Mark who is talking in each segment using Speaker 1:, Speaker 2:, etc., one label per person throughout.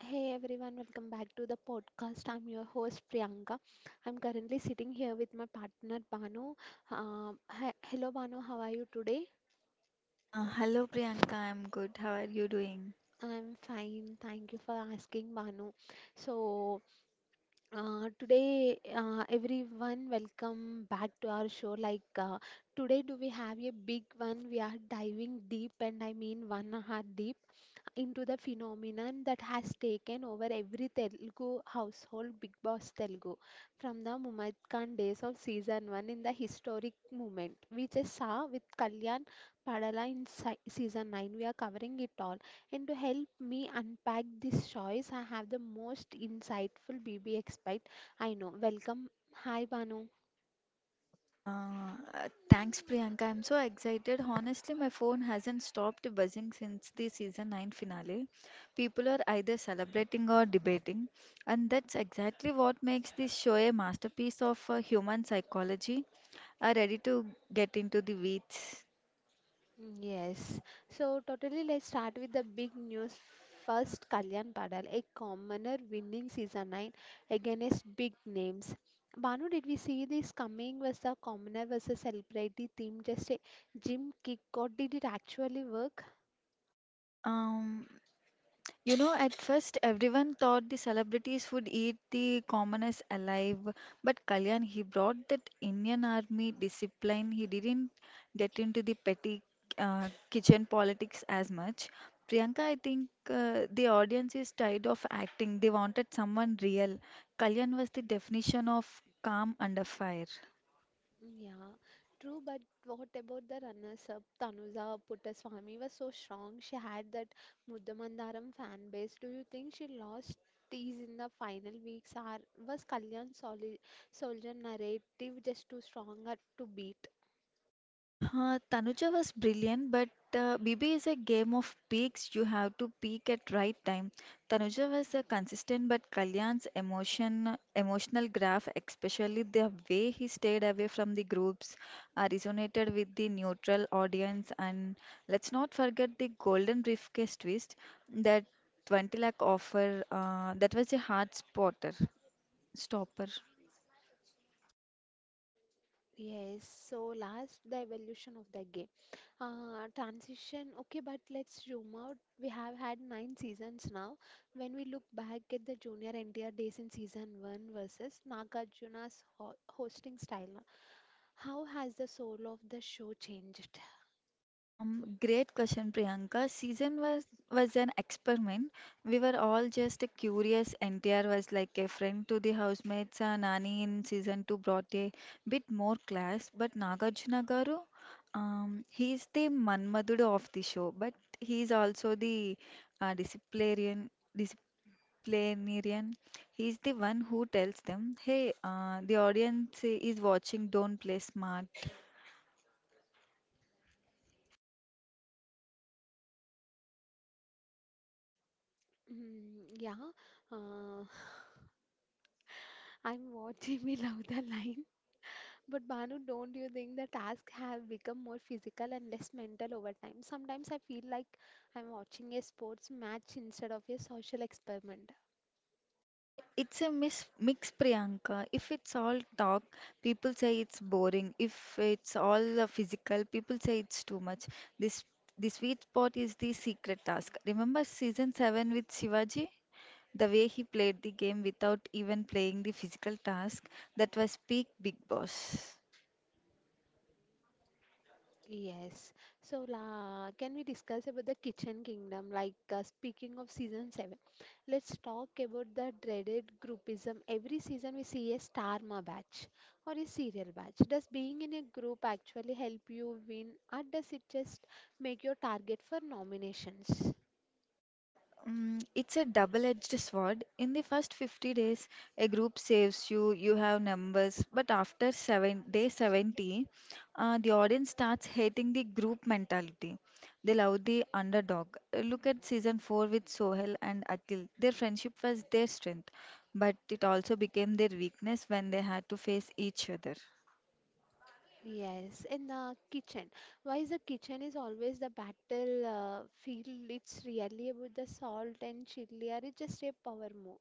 Speaker 1: Hey everyone, welcome back to the podcast. I'm your host Priyanka. I'm currently sitting here with my partner Banu. Hello Banu, how are you today?
Speaker 2: Hello Priyanka, I'm good. How are you doing?
Speaker 1: I'm fine, thank you for asking Banu. So, Today, everyone, welcome back to our show. Today, do we have a big one? We are diving deep, and I mean 1 hour deep into the phenomenon that has taken over every Telugu household, Big Boss Telugu, from the Mummad Khan days of season 1 in the historic moment we just saw with Kalyan Padala in season 9. We are covering it all, and to help me unpack this choice I have the most insightful BB expert I know. Welcome, hi Banu.
Speaker 2: Thanks Priyanka. I'm so excited. Honestly, my phone hasn't stopped buzzing since the season 9 finale. People are either celebrating or debating, and that's exactly what makes this show a masterpiece of human psychology. Are ready to get into the weeds.
Speaker 1: Yes, so totally, let's start with the big news. First, Kalyan Padal, a commoner, winning season 9 against big names. Banu, did we see this coming? Was the commoner versus celebrity theme just a gym kick, or did it actually work?
Speaker 2: Um, You know, at first everyone thought the celebrities would eat the commoners alive, but Kalyan, he brought that Indian army discipline. He didn't get into the petty kitchen politics as much. Priyanka, I think the audience is tired of acting. They wanted someone real. Kalyan was the definition of calm under fire.
Speaker 1: Yeah, true. But what about the runners-up? Tanuja Puttaswamy was so strong. She had that Mudamandaram fan base. Do you think she lost tease in the final weeks? Or was Kalyan Soli Soldier narrative just too strong or to beat?
Speaker 2: Tanuja was brilliant, but BB is a game of peaks. You have to peak at right time. Tanuja was consistent, but Kalyan's emotional graph, especially the way he stayed away from the groups, resonated with the neutral audience. And let's not forget the golden briefcase twist that 20 lakh offer. That was a stopper.
Speaker 1: Yes, so last the evolution of the game. Transition, okay, but let's zoom out. We have had 9 seasons now. When we look back at the junior NTR days in season one versus Nagarjuna's ho hosting style, how has the soul of the show changed?
Speaker 2: Great question, Priyanka. Season was an experiment. We were all just curious. NTR was like a friend to the housemates. Nani in season two brought a bit more class, but Nagarjuna garu, he is the Manmadudu of the show, but he is also the uh, disciplinarian. disciplinarian. He is the one who tells them, "Hey, the audience is watching. Don't play smart."
Speaker 1: Mm, yeah, uh, I'm watching, we love the line. But Banu, don't you think the tasks have become more physical and less mental over time? Sometimes I feel like I'm watching a sports match instead of a social experiment.
Speaker 2: It's a mis mix, Priyanka. If it's all talk, people say it's boring. If it's all physical, people say it's too much. This The sweet spot is the secret task. Remember season 7 with Shivaji? The way he played the game without even playing the physical task, that was peak Big Boss.
Speaker 1: Yes. Can we discuss about the kitchen kingdom? Speaking of season 7, let's talk about the dreaded groupism. Every season we see a star ma batch or a serial batch. Does being in a group actually help you win, or does it just make your target for nominations?
Speaker 2: It's a double-edged sword. In the first 50 days, a group saves you, you have numbers, but after day 70, the audience starts hating the group mentality. They love the underdog. Look at season 4 with Sohel and Akhil. Their friendship was their strength, but it also became their weakness when they had to face each other.
Speaker 1: Yes, in the kitchen. Why is the kitchen is always the battle field? It's really about the salt and chili, or it's just a power move.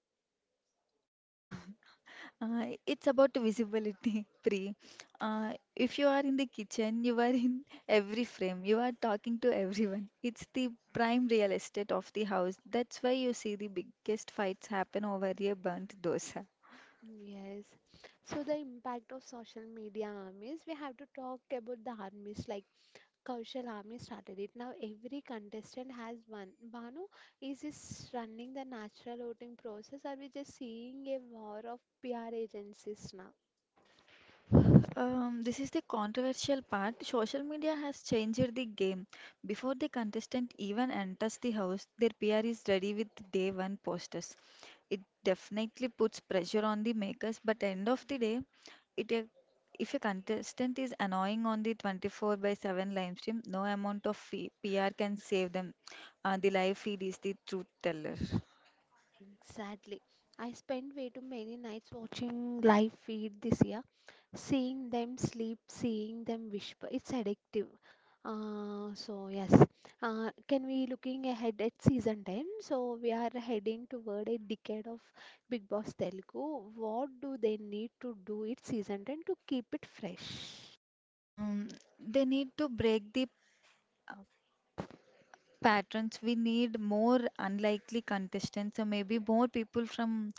Speaker 2: It's about visibility, Pri. If you are in the kitchen, you are in every frame, you are talking to everyone. It's the prime real estate of the house. That's why you see the biggest fights happen over a burnt dosa.
Speaker 1: Yes. So the impact of social media armies, we have to talk about the armies like Kaushal army started it. Now every contestant has one. Banu, is this running the natural voting process? Are we just seeing a war of PR agencies now?
Speaker 2: This is the controversial part. Social media has changed the game. Before the contestant even enters the house, their PR is ready with day one posters. It definitely puts pressure on the makers, but end of the day, it a- if a contestant is annoying on the 24 by 7 live stream, no amount of PR can save them. The live feed is the truth teller.
Speaker 1: Exactly. I spent way too many nights watching live feed this year, seeing them sleep, seeing them whisper. It's addictive. Uh, so yes, can we looking ahead at season 10? So we are heading toward a decade of Big Boss Telugu. What do they need to do it season 10 to keep it fresh?
Speaker 2: Um, they need to break the patterns. We need more unlikely contestants, or maybe more people from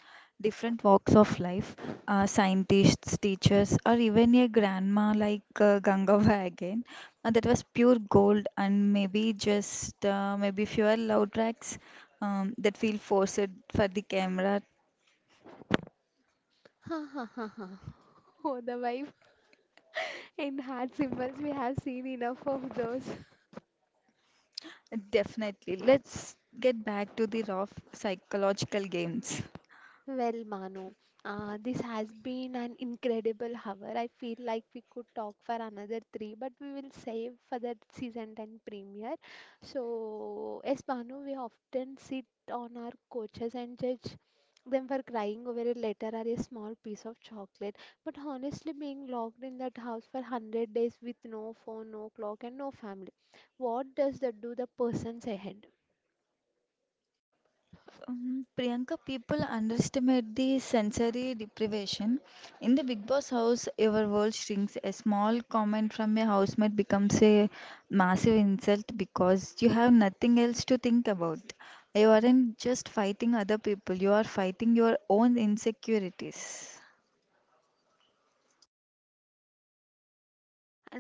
Speaker 2: different walks of life, scientists, teachers, or even a grandma like gangava again. That was pure gold, and maybe just maybe fewer loud tracks, that feel forced for the camera.
Speaker 1: Ha ha ha ha. Oh, the vibe and heart symbols. We have seen enough of those.
Speaker 2: Definitely, let's get back to the raw psychological games.
Speaker 1: Well, Manu, this has been an incredible hour. I feel like we could talk for another three, but we will save for the season 10 premiere. So, yes, Manu, we often sit on our coaches and judge them for crying over a letter or a small piece of chocolate. But honestly, being locked in that house for 100 days with no phone, no clock, and no family, what does that do the person's head?
Speaker 2: Priyanka, people underestimate the sensory deprivation. In the Big Boss house, your world shrinks. A small comment from a housemate becomes a massive insult because you have nothing else to think about. You aren't just fighting other people, you are fighting your own insecurities.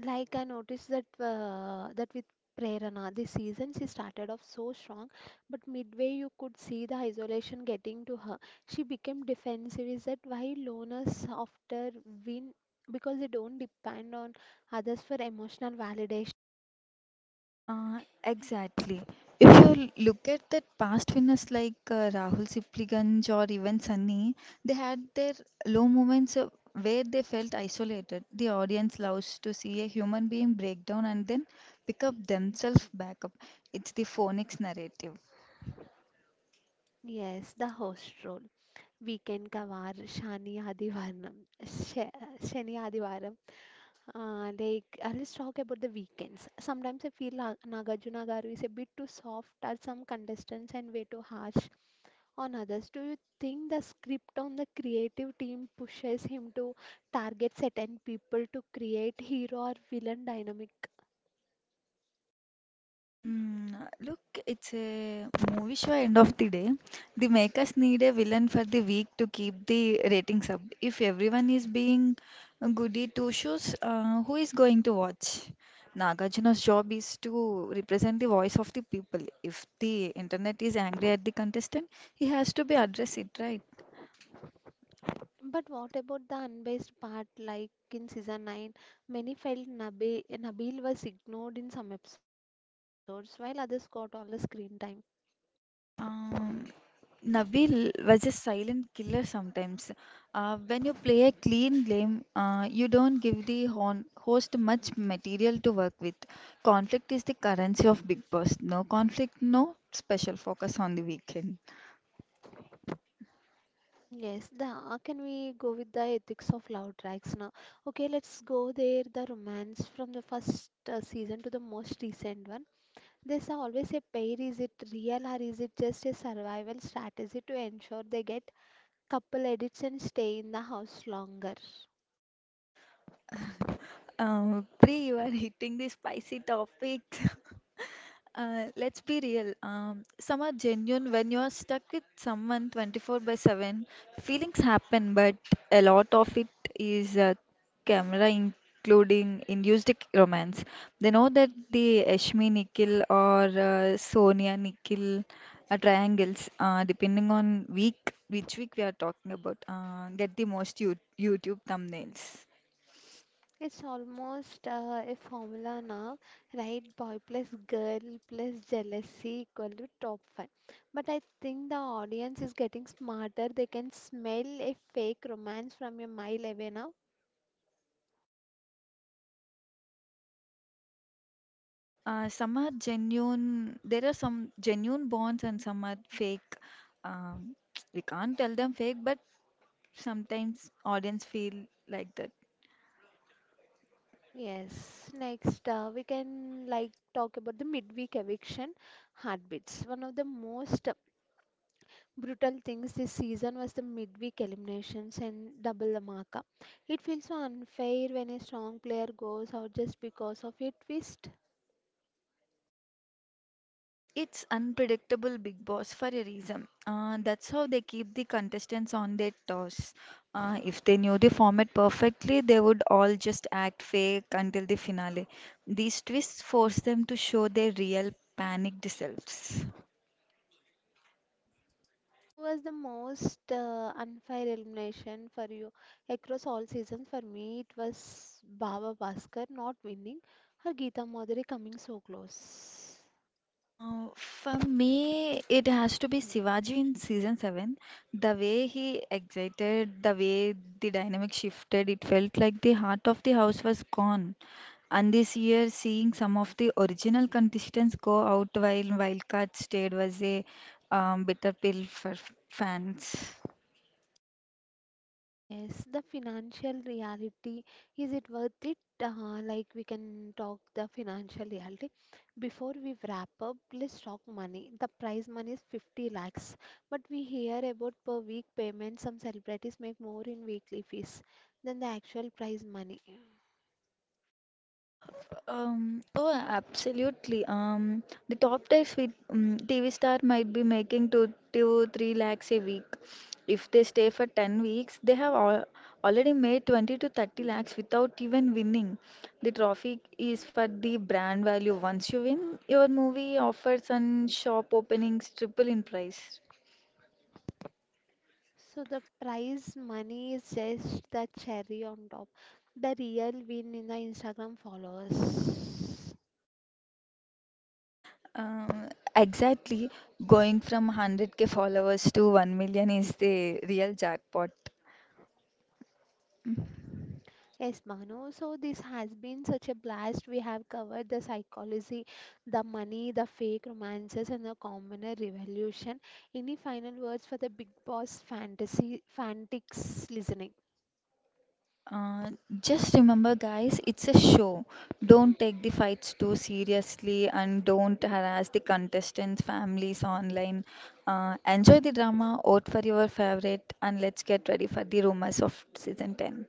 Speaker 1: Like I noticed that with Prerana this season she started off so strong, but midway you could see the isolation getting to her. She became defensive. Is that why loners after win, because they don't depend on others for emotional validation?
Speaker 2: Uh, exactly. If look at that past winners like Rahul Sipliganj or even Sunny, they had their low moments where they felt isolated. The audience loves to see a human being break down and then pick up themselves back up. It's the phonics narrative.
Speaker 1: Yes, the host role. Weekend Kavar, Shani Adivaram, Shani Adivaram. Let's talk about the weekends. Sometimes I feel Nagarjuna Garu is a bit too soft at some contestants and way too harsh on others. Do you think the script on the creative team pushes him to target certain people to create hero or villain dynamic?
Speaker 2: Mm, Look, it's a movie show end of the day. The makers need a villain for the week to keep the ratings up. If everyone is being goody two shoes, who is going to watch? Nagarjuna's job is to represent the voice of the people. If the internet is angry at the contestant, he has to be address it, right?
Speaker 1: But what about the unbiased part, like in season 9? Many felt Nabil was ignored in some episodes while others got all the screen time.
Speaker 2: Um, Nabil was a silent killer sometimes. When you play a clean game, you don't give the hon host much material to work with. Conflict is the currency of Big Boss. No conflict, no special focus on the weekend.
Speaker 1: Yes, the how can we go with the ethics of love tracks now? Okay, let's go there. The romance from the first season to the most recent one. There's always a pair. Is it real, or is it just a survival strategy to ensure they get couple edits and stay in the house longer?
Speaker 2: Pri, you are hitting the spicy topics. Let's be real. Some are genuine. When you're stuck with someone 24 by 7, feelings happen. But a lot of it is including induced romance. They know that the Ashmi Nikhil or Sonia Nikhil triangles, depending on which week we are talking about, get the most YouTube thumbnails.
Speaker 1: It's almost a formula now, right? Boy plus girl plus jealousy equal to top 5. But I think the audience is getting smarter. They can smell a fake romance from a mile away now.
Speaker 2: Some are genuine, there are some genuine bonds and some are fake. Um, we can't tell them fake, but sometimes audience feel like that.
Speaker 1: Yes, next We can like talk about the midweek eviction heartbeats. One of the most brutal things this season was the midweek eliminations and double Dhamaka. It feels so unfair when a strong player goes out just because of a twist.
Speaker 2: It's unpredictable Big Boss for a reason. That's how they keep the contestants on their toes. If they knew the format perfectly, they would all just act fake until the finale. These twists force them to show their real panicked selves.
Speaker 1: Who was the most unfair elimination for you across all seasons? For me, it was Baba Bhaskar not winning, or Geeta Madhuri coming so close.
Speaker 2: For me, it has to be Shivaji in season 7. The way he exited, the way the dynamic shifted, it felt like the heart of the house was gone. And this year, seeing some of the original contestants go out while Wildcard stayed was a bitter pill for fans.
Speaker 1: Yes, the financial reality, is it worth it? We can talk the financial reality. Before we wrap up, let's talk money. The prize money is 50 lakhs, but we hear about per week payment. Some celebrities make more in weekly fees than the actual prize money.
Speaker 2: Oh, absolutely. The top tier sweet TV star might be making two to three lakhs a week. If they stay for 10 weeks, they have al already made 20 to 30 lakhs without even winning. The trophy is for the brand value. Once you win, your movie offers and shop openings triple in price.
Speaker 1: So the prize money is just the cherry on top. The real win in the Instagram followers.
Speaker 2: Uh, exactly. Going from 100K followers to 1 million is the real jackpot.
Speaker 1: Yes, Manu. So this has been such a blast. We have covered the psychology, the money, the fake romances, and the commoner revolution. Any final words for the big boss fantasy fanatics listening?
Speaker 2: Uh, just remember, guys, it's a show. Don't take the fights too seriously and don't harass the contestants' families online. Enjoy the drama, vote for your favorite, and let's get ready for the rumors of season 10.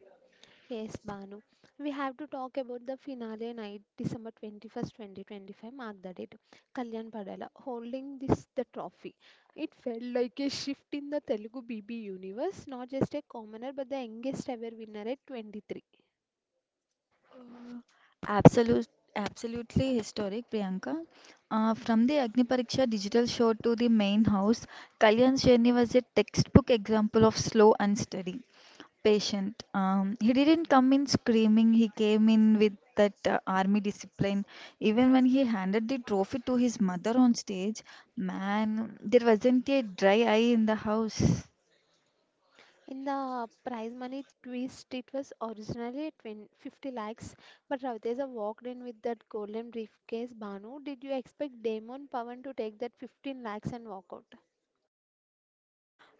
Speaker 1: Yes, Banu. We have to talk about the finale night, December 21st, 2025. Mark the date. Kalyan Padala holding this the trophy. It felt like a shift in the Telugu BB universe, not just a commoner but the youngest ever winner at 23.
Speaker 2: Absolute, Absolutely historic, Priyanka. From the Agni Pariksha digital show to the main house, Kalyan's journey was a textbook example of slow and steady. Patient. He didn't come in screaming, he came in with that army discipline. Even when he handed the trophy to his mother on stage, man, there wasn't a dry eye in the house.
Speaker 1: In the prize money twist, it was originally 20 50 lakhs, but Ravitesa walked in with that golden briefcase. Banu, did you expect Damon Pavan to take that 15 lakhs and walk out?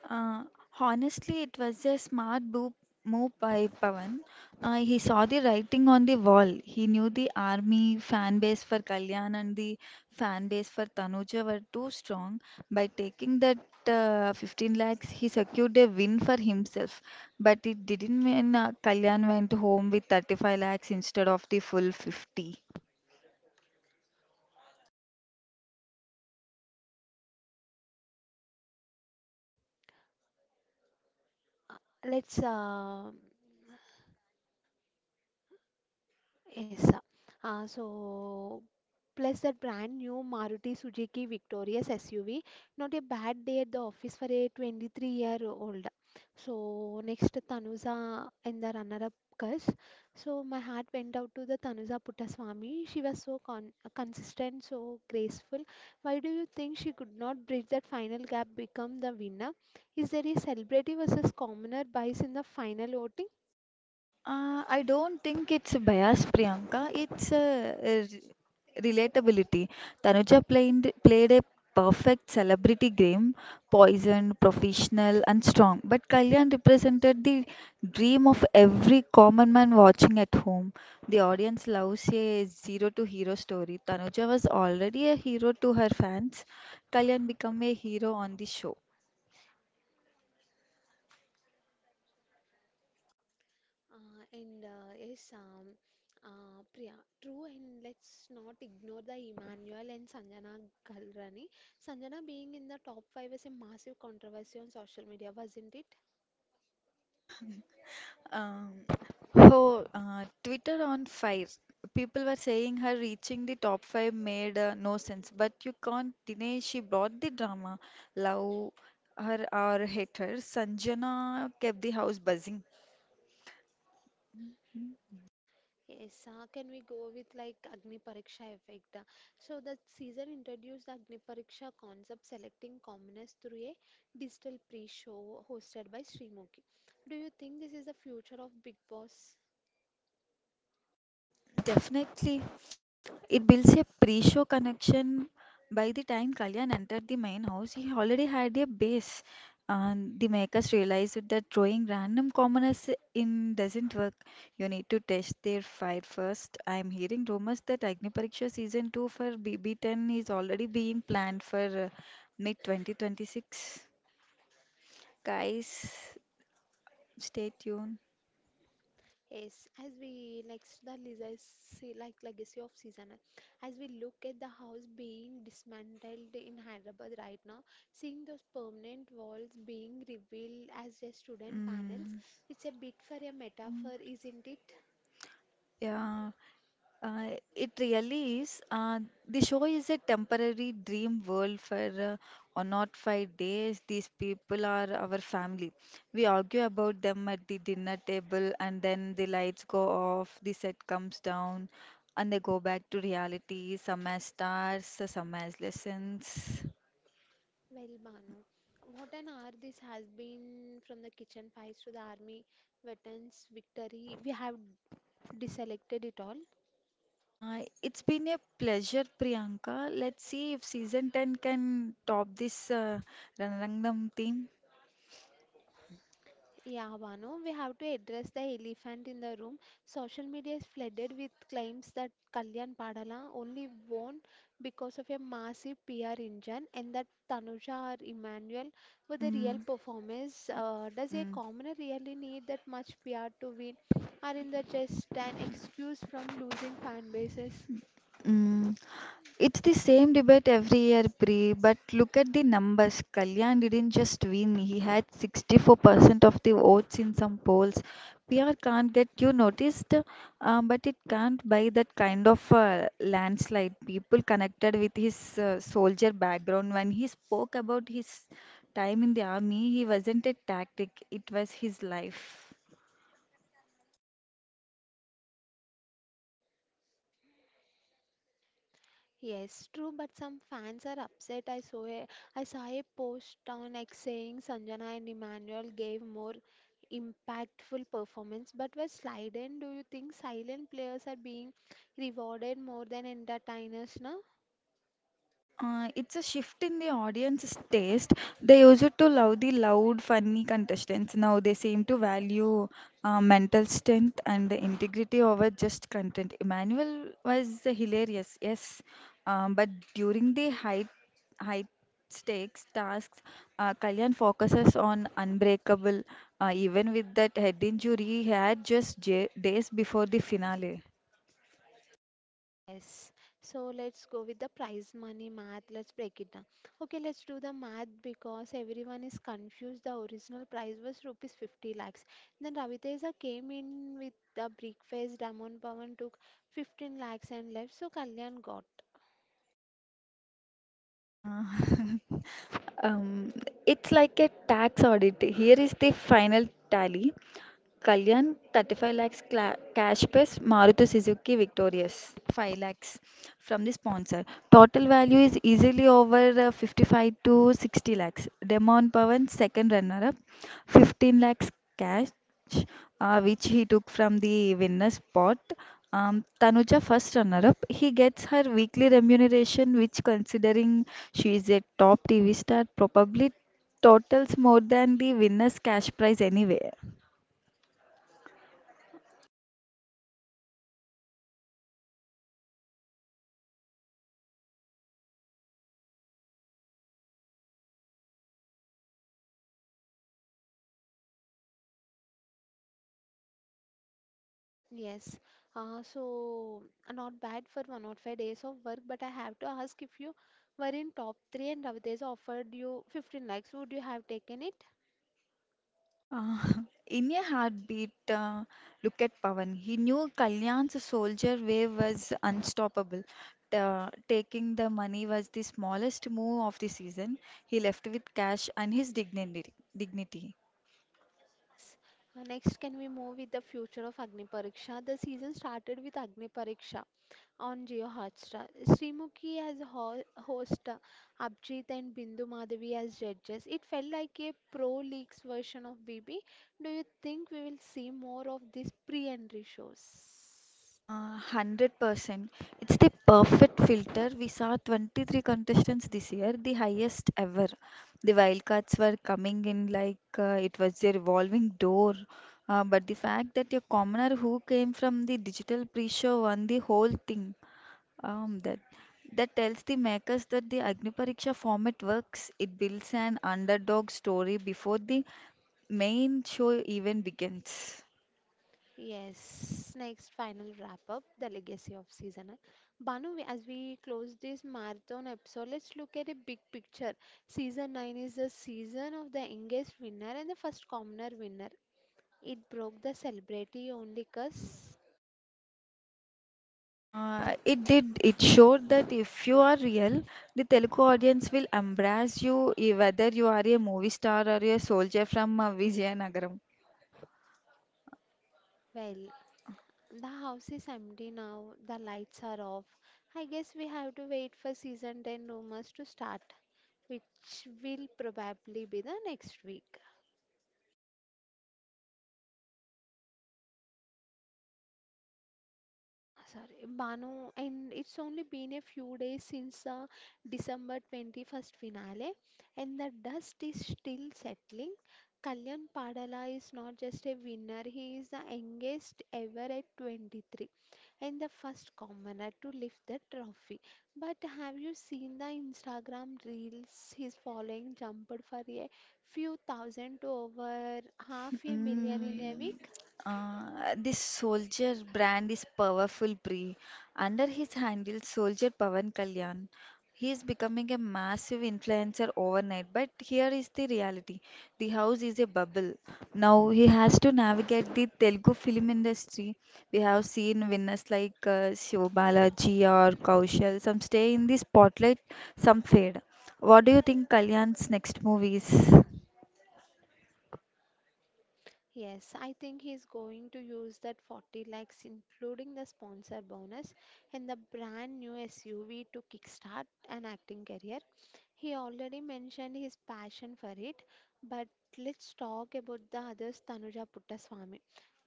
Speaker 2: Uh, Honestly, it was a smart move by Pawan. He saw the writing on the wall. He knew the army fan base for Kalyan and the fan base for Tanuja were too strong. By taking that 15 lakhs, he secured a win for himself. But it didn't mean Kalyan went home with 35 lakhs instead of the full 50.
Speaker 1: Let's yes, sir. Uh, so Plus that brand new Maruti Suzuki Victorious SUV, not a bad day at the office for a 23-year-old. So next Tanuja in the runner-up curse. So my heart went out to the Tanuja Puttaswamy. She was so consistent, so graceful. Why do you think she could not bridge that final gap, become the winner? Is there a celebrity versus commoner bias in the final voting?
Speaker 2: I don't think it's bias, Priyanka. It's relatability. Tanuja played a perfect celebrity game, poisoned, professional, and strong. But Kalyan represented the dream of every common man watching at home. The audience loves a zero to hero story. Tanuja was already a hero to her fans. Kalyan became a hero on the show.
Speaker 1: Uh, and uh, yes, um, Priya, true, and let's not ignore the Emmanuel and Sanjana Galrani. Sanjana being in the top 5 is a massive controversy on social media, wasn't it?
Speaker 2: Um, oh, Twitter on fire. People were saying her reaching the top five made no sense, but you can't deny she brought the drama. Love her or hate her, Sanjana kept the house buzzing.
Speaker 1: Yes, can we go with like Agni Pariksha effect? So the season introduced the Agni Pariksha concept, selecting commoners through a digital pre-show hosted by Srimuki. Do you think this is the future of Big Boss?
Speaker 2: Definitely, it builds a pre-show connection. By the time Kalyan entered the main house, he already had a base. And the makers realized that drawing random commoners in doesn't work. You need to test their fire first. I'm hearing rumors that Agni Pariksha season 2 for BB10 is already being planned for mid 2026. Guys, stay tuned.
Speaker 1: Yes, as we the legacy, like legacy of season, as we look at the house being dismantled in Hyderabad right now, seeing those permanent walls being revealed as a student panels,
Speaker 2: Mm,
Speaker 1: it's a bit for a metaphor, isn't it?
Speaker 2: yeah. It really is. The show is a temporary dream world for 1 or 5 days. These people are our family. We argue about them at the dinner table, and then the lights go off, the set comes down, and they go back to reality. Some as stars, some as lessons.
Speaker 1: Well, Banu, what an hour this has been, from the kitchen fights to the army veterans' victory. We have deselected it all.
Speaker 2: It's been a pleasure, Priyanka. Let's see if season 10 can top this Ranrangdam theme.
Speaker 1: Yeah, Banu, we have to address the elephant in the room. Social media is flooded with claims that Kalyan Padala only won because of a massive PR engine and that Tanuja or Emmanuel were the real
Speaker 2: Mm,
Speaker 1: performers. Does a
Speaker 2: mm.
Speaker 1: commoner really need that much PR to win? Or in the just an excuse from losing fan bases?
Speaker 2: Mm, it's the same debate every year, Pri, but look at the numbers. Kalyan didn't just win, he had 64% of the votes in some polls. PR can't get you noticed, but it can't buy that kind of landslide. People connected with his soldier background. When he spoke about his time in the army, he wasn't a tactic, it was his life.
Speaker 1: Yes, true, but some fans are upset. I saw a post on X saying Sanjana and Emmanuel gave more impactful performance but were silent. Do you think silent players are being rewarded more than entertainers now?
Speaker 2: It's a shift in the audience's taste. They used to love the loud, funny contestants. Now they seem to value mental strength and the integrity over just content. Emmanuel was hilarious, yes, but during the high stakes tasks, Kalyan focuses on unbreakable. Even with that head injury he had just j days before the finale.
Speaker 1: Yes. So let's go with the prize money math. Let's break it down. Okay, let's do the math because everyone is confused. The original prize was rupees 50 lakhs. Then Raviteja came in with the breakfast face. Damon Pavan took 15 lakhs and left. So Kalyan got.
Speaker 2: Uh, um, it's like a tax audit. Here is the final tally. Kalyan, 35 lakhs cash plus Maruti Suzuki Victorious, 5 lakhs from the sponsor. Total value is easily over 55 to 60 lakhs. Demon Pavan, second runner up, 15 lakhs cash, which he took from the winner's spot. Tanuja, first runner up, he gets her weekly remuneration, which considering she is a top TV star, probably totals more than the winner's cash prize anyway.
Speaker 1: Yes. Uh, so Not bad for 1 or 5 days of work. But I have to ask, if you were in top 3 and Raviteja offered you 15 lakhs, would you have taken it?
Speaker 2: Uh, in a heartbeat. Look at Pavan. He knew Kalyan's soldier wave was unstoppable. Taking the money was the smallest move of the season. He left with cash and his dignity.
Speaker 1: Yes. Can we move with the future of Agni Pariksha? The season started with Agni Pariksha on Jio Hotstar. Srimukhi as ho host, Abhijit and Bindu Madhavi as judges. It felt like a pro leagues version of BB. Do you think we will see more of these pre-entry shows?
Speaker 2: 100%. It's the perfect filter. We saw 23 contestants this year, the highest ever. The wildcards were coming in like it was a revolving door. But the fact that a commoner who came from the digital pre-show won the whole thing, um, that that tells the makers that the Agni Pariksha format works. It builds an underdog story before the main show even begins.
Speaker 1: Yes, next final wrap up the legacy of season nine. Banu, as we close this marathon episode, let's look at a big picture. Season 9 is the season of the youngest winner and the first commoner winner. It broke the celebrity only curse.
Speaker 2: It did. It showed that if you are real, the Telugu audience will embrace you, eh, whether you are a movie star or a soldier from Vizianagaram.
Speaker 1: Well, the house is empty now, the lights are off. I guess we have to wait for season 10 rumors to start, which will probably be the next week. Sorry, Banu, and it's only been a few days since the December 21st finale, and the dust is still settling. Kalyan Padala is not just a winner, he is the youngest ever at 23 and the first commoner to lift the trophy. But have you seen the Instagram reels? He's following jumped for a few thousand to over half a million in a
Speaker 2: Mm,
Speaker 1: week.
Speaker 2: this soldier brand is powerful, Pri. Under his handle, soldier Pavan Kalyan. He is becoming a massive influencer overnight. But here is the reality: the house is a bubble. Now he has to navigate the Telugu film industry. We have seen winners like Shiv Balaji or Kaushal. Some stay in the spotlight, some fade. What do you think Kalyan's next movie is?
Speaker 1: Yes, I think he's going to use that 40 lakhs, including the sponsor bonus and the brand new SUV, to kickstart an acting career. He already mentioned his passion for it, but let's talk about the others. Tanuja Puttaswamy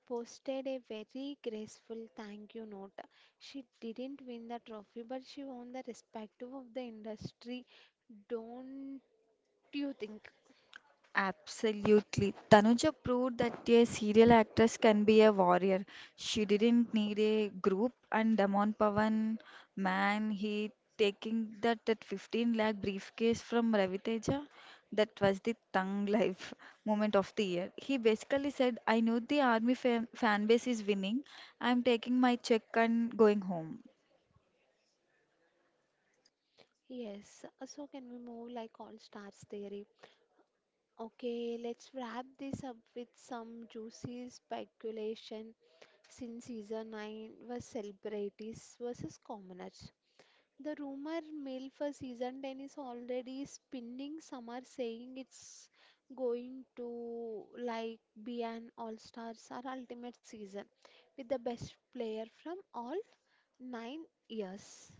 Speaker 1: posted a very graceful thank you note. She didn't win the trophy, but she won the respect of the industry. Don't you think?
Speaker 2: Absolutely. Tanuja proved that a serial actress can be a warrior. She didn't need a group, and Damon Pavan, man, he taking that 15 lakh briefcase from Raviteja, that was the tongue life moment of the year. He basically said, I know the army fan base is winning. I'm taking my check and going home.
Speaker 1: Yes, so can we move like all stars theory? Okay, let's wrap this up with some juicy speculation since season 9 was celebrities versus commoners. The rumor mill for season 10 is already spinning. Some are saying it's going to like be an all-stars or ultimate season with the best player from all 9 years.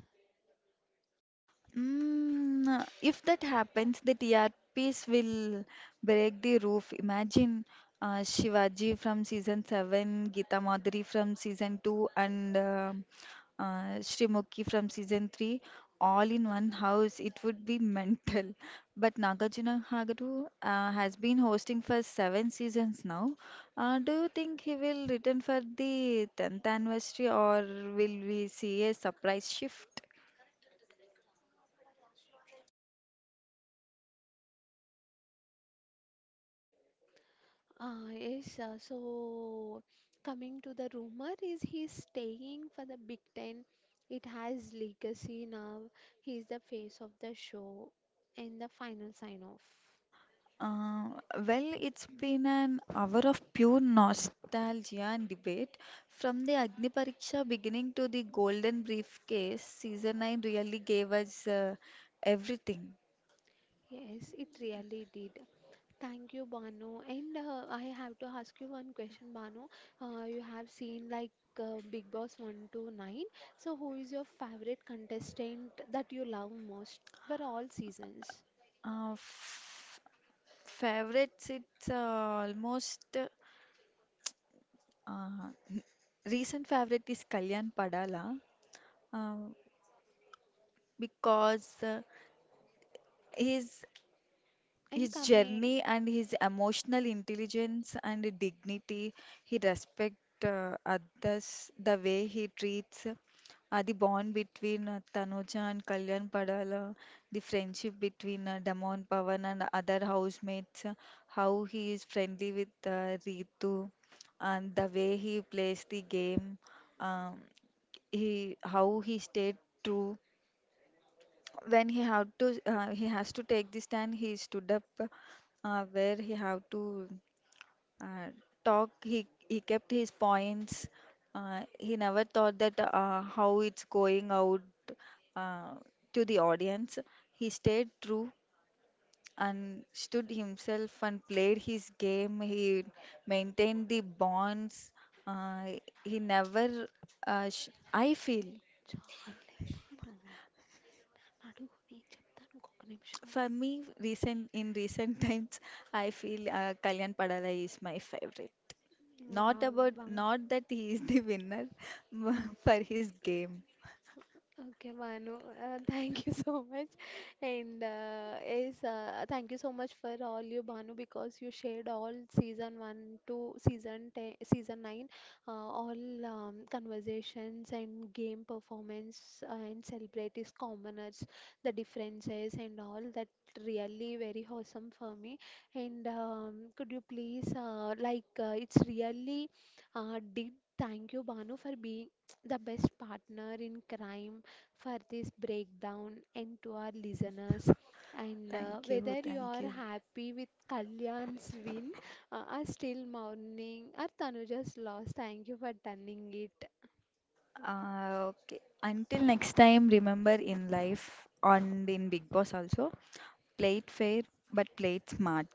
Speaker 2: Mm, if that happens, the TRPs will break the roof. Imagine Shivaji from season 7, Geeta Madhuri from season 2, and Srimukhi from season 3, all in one house. It would be mental. But Nagarjuna Hagaru has been hosting for 7 seasons now. Do you think he will return for the 10th anniversary, or will we see a surprise shift?
Speaker 1: Ah, yes, uh, so Coming to the rumor is he's staying for the Big Ten. It has legacy now. He's the face of the show in the final sign off.
Speaker 2: Uh, well, it's been an hour of pure nostalgia and debate. From the Agni Pariksha beginning to the Golden Briefcase, season 9 really gave us everything.
Speaker 1: Yes, it really did. Thank you, Banu. And I have to ask you one question, Banu. You have seen Big Boss 1 to 9. So who is your favorite contestant that you love most for all seasons?
Speaker 2: F Favorites, it's almost uh, recent favorite is Kalyan Padala, uh, because his His
Speaker 1: Incoming.
Speaker 2: journey and his emotional intelligence and dignity, he respect others, the way he treats, the bond between Tanuja and Kalyan Padala, the friendship between Damon Pavan and other housemates, how he is friendly with Ritu, and the way he plays the game, um, he how he stayed true when he had to he has to take the stand, he stood up where he have to uh, talk, he kept his points, he never thought that how it's going out uh, to the audience, he stayed true and stood himself and played his game. He maintained the bonds, uh, he never I feel,
Speaker 1: చాలేమా అడుగు నేను చెప్తాను ఇంకొక నిమిషం
Speaker 2: for me, recent in recent times, I feel Kalyan Padala is my favorite. Not
Speaker 1: wow
Speaker 2: about
Speaker 1: వా
Speaker 2: not that he is the winner, but for his game.
Speaker 1: Okay, Manu, thank you so much. Thank you so much for all you, Banu, because you shared all season one to season ten, season nine, all conversations and game performance, and celebrate is commoners, the differences and all that, really very awesome for me. And Could you please it's really did thank you, Banu, for being the best partner in crime for this breakdown, and to our listeners. And
Speaker 2: Thank you,
Speaker 1: Whether you
Speaker 2: thank
Speaker 1: are
Speaker 2: you.
Speaker 1: happy with Kalyan's win, are still mourning, or Tanuja's loss, thank you for turning it.
Speaker 2: Okay. Until next time, remember, in life and in Big Boss also, play it fair but play it smart.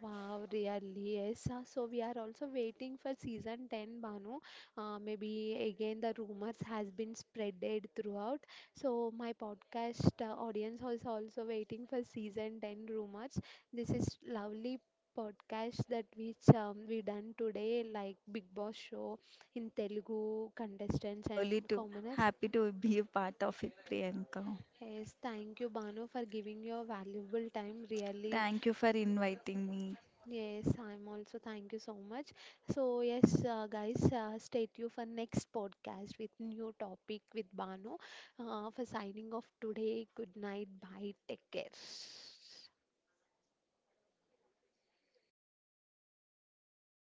Speaker 1: Wow, really, yes. So we are also waiting for season 10, Banu. Maybe again the rumors has been spreaded throughout. So my podcast audience is also waiting for season 10 rumors. This is lovely podcast that which we done today, like Big Boss show in Telugu contestants and
Speaker 2: Lovely to
Speaker 1: commoners.
Speaker 2: Happy to be a part of it, Priyanka.
Speaker 1: Yes, thank you, Banu, for giving your valuable time. Really.
Speaker 2: Thank you for inviting me.
Speaker 1: Yes, I'm also. Thank you so much. So yes, guys, stay tuned for next podcast with new topic with Bano. For signing off today. Good night. Bye. Take care.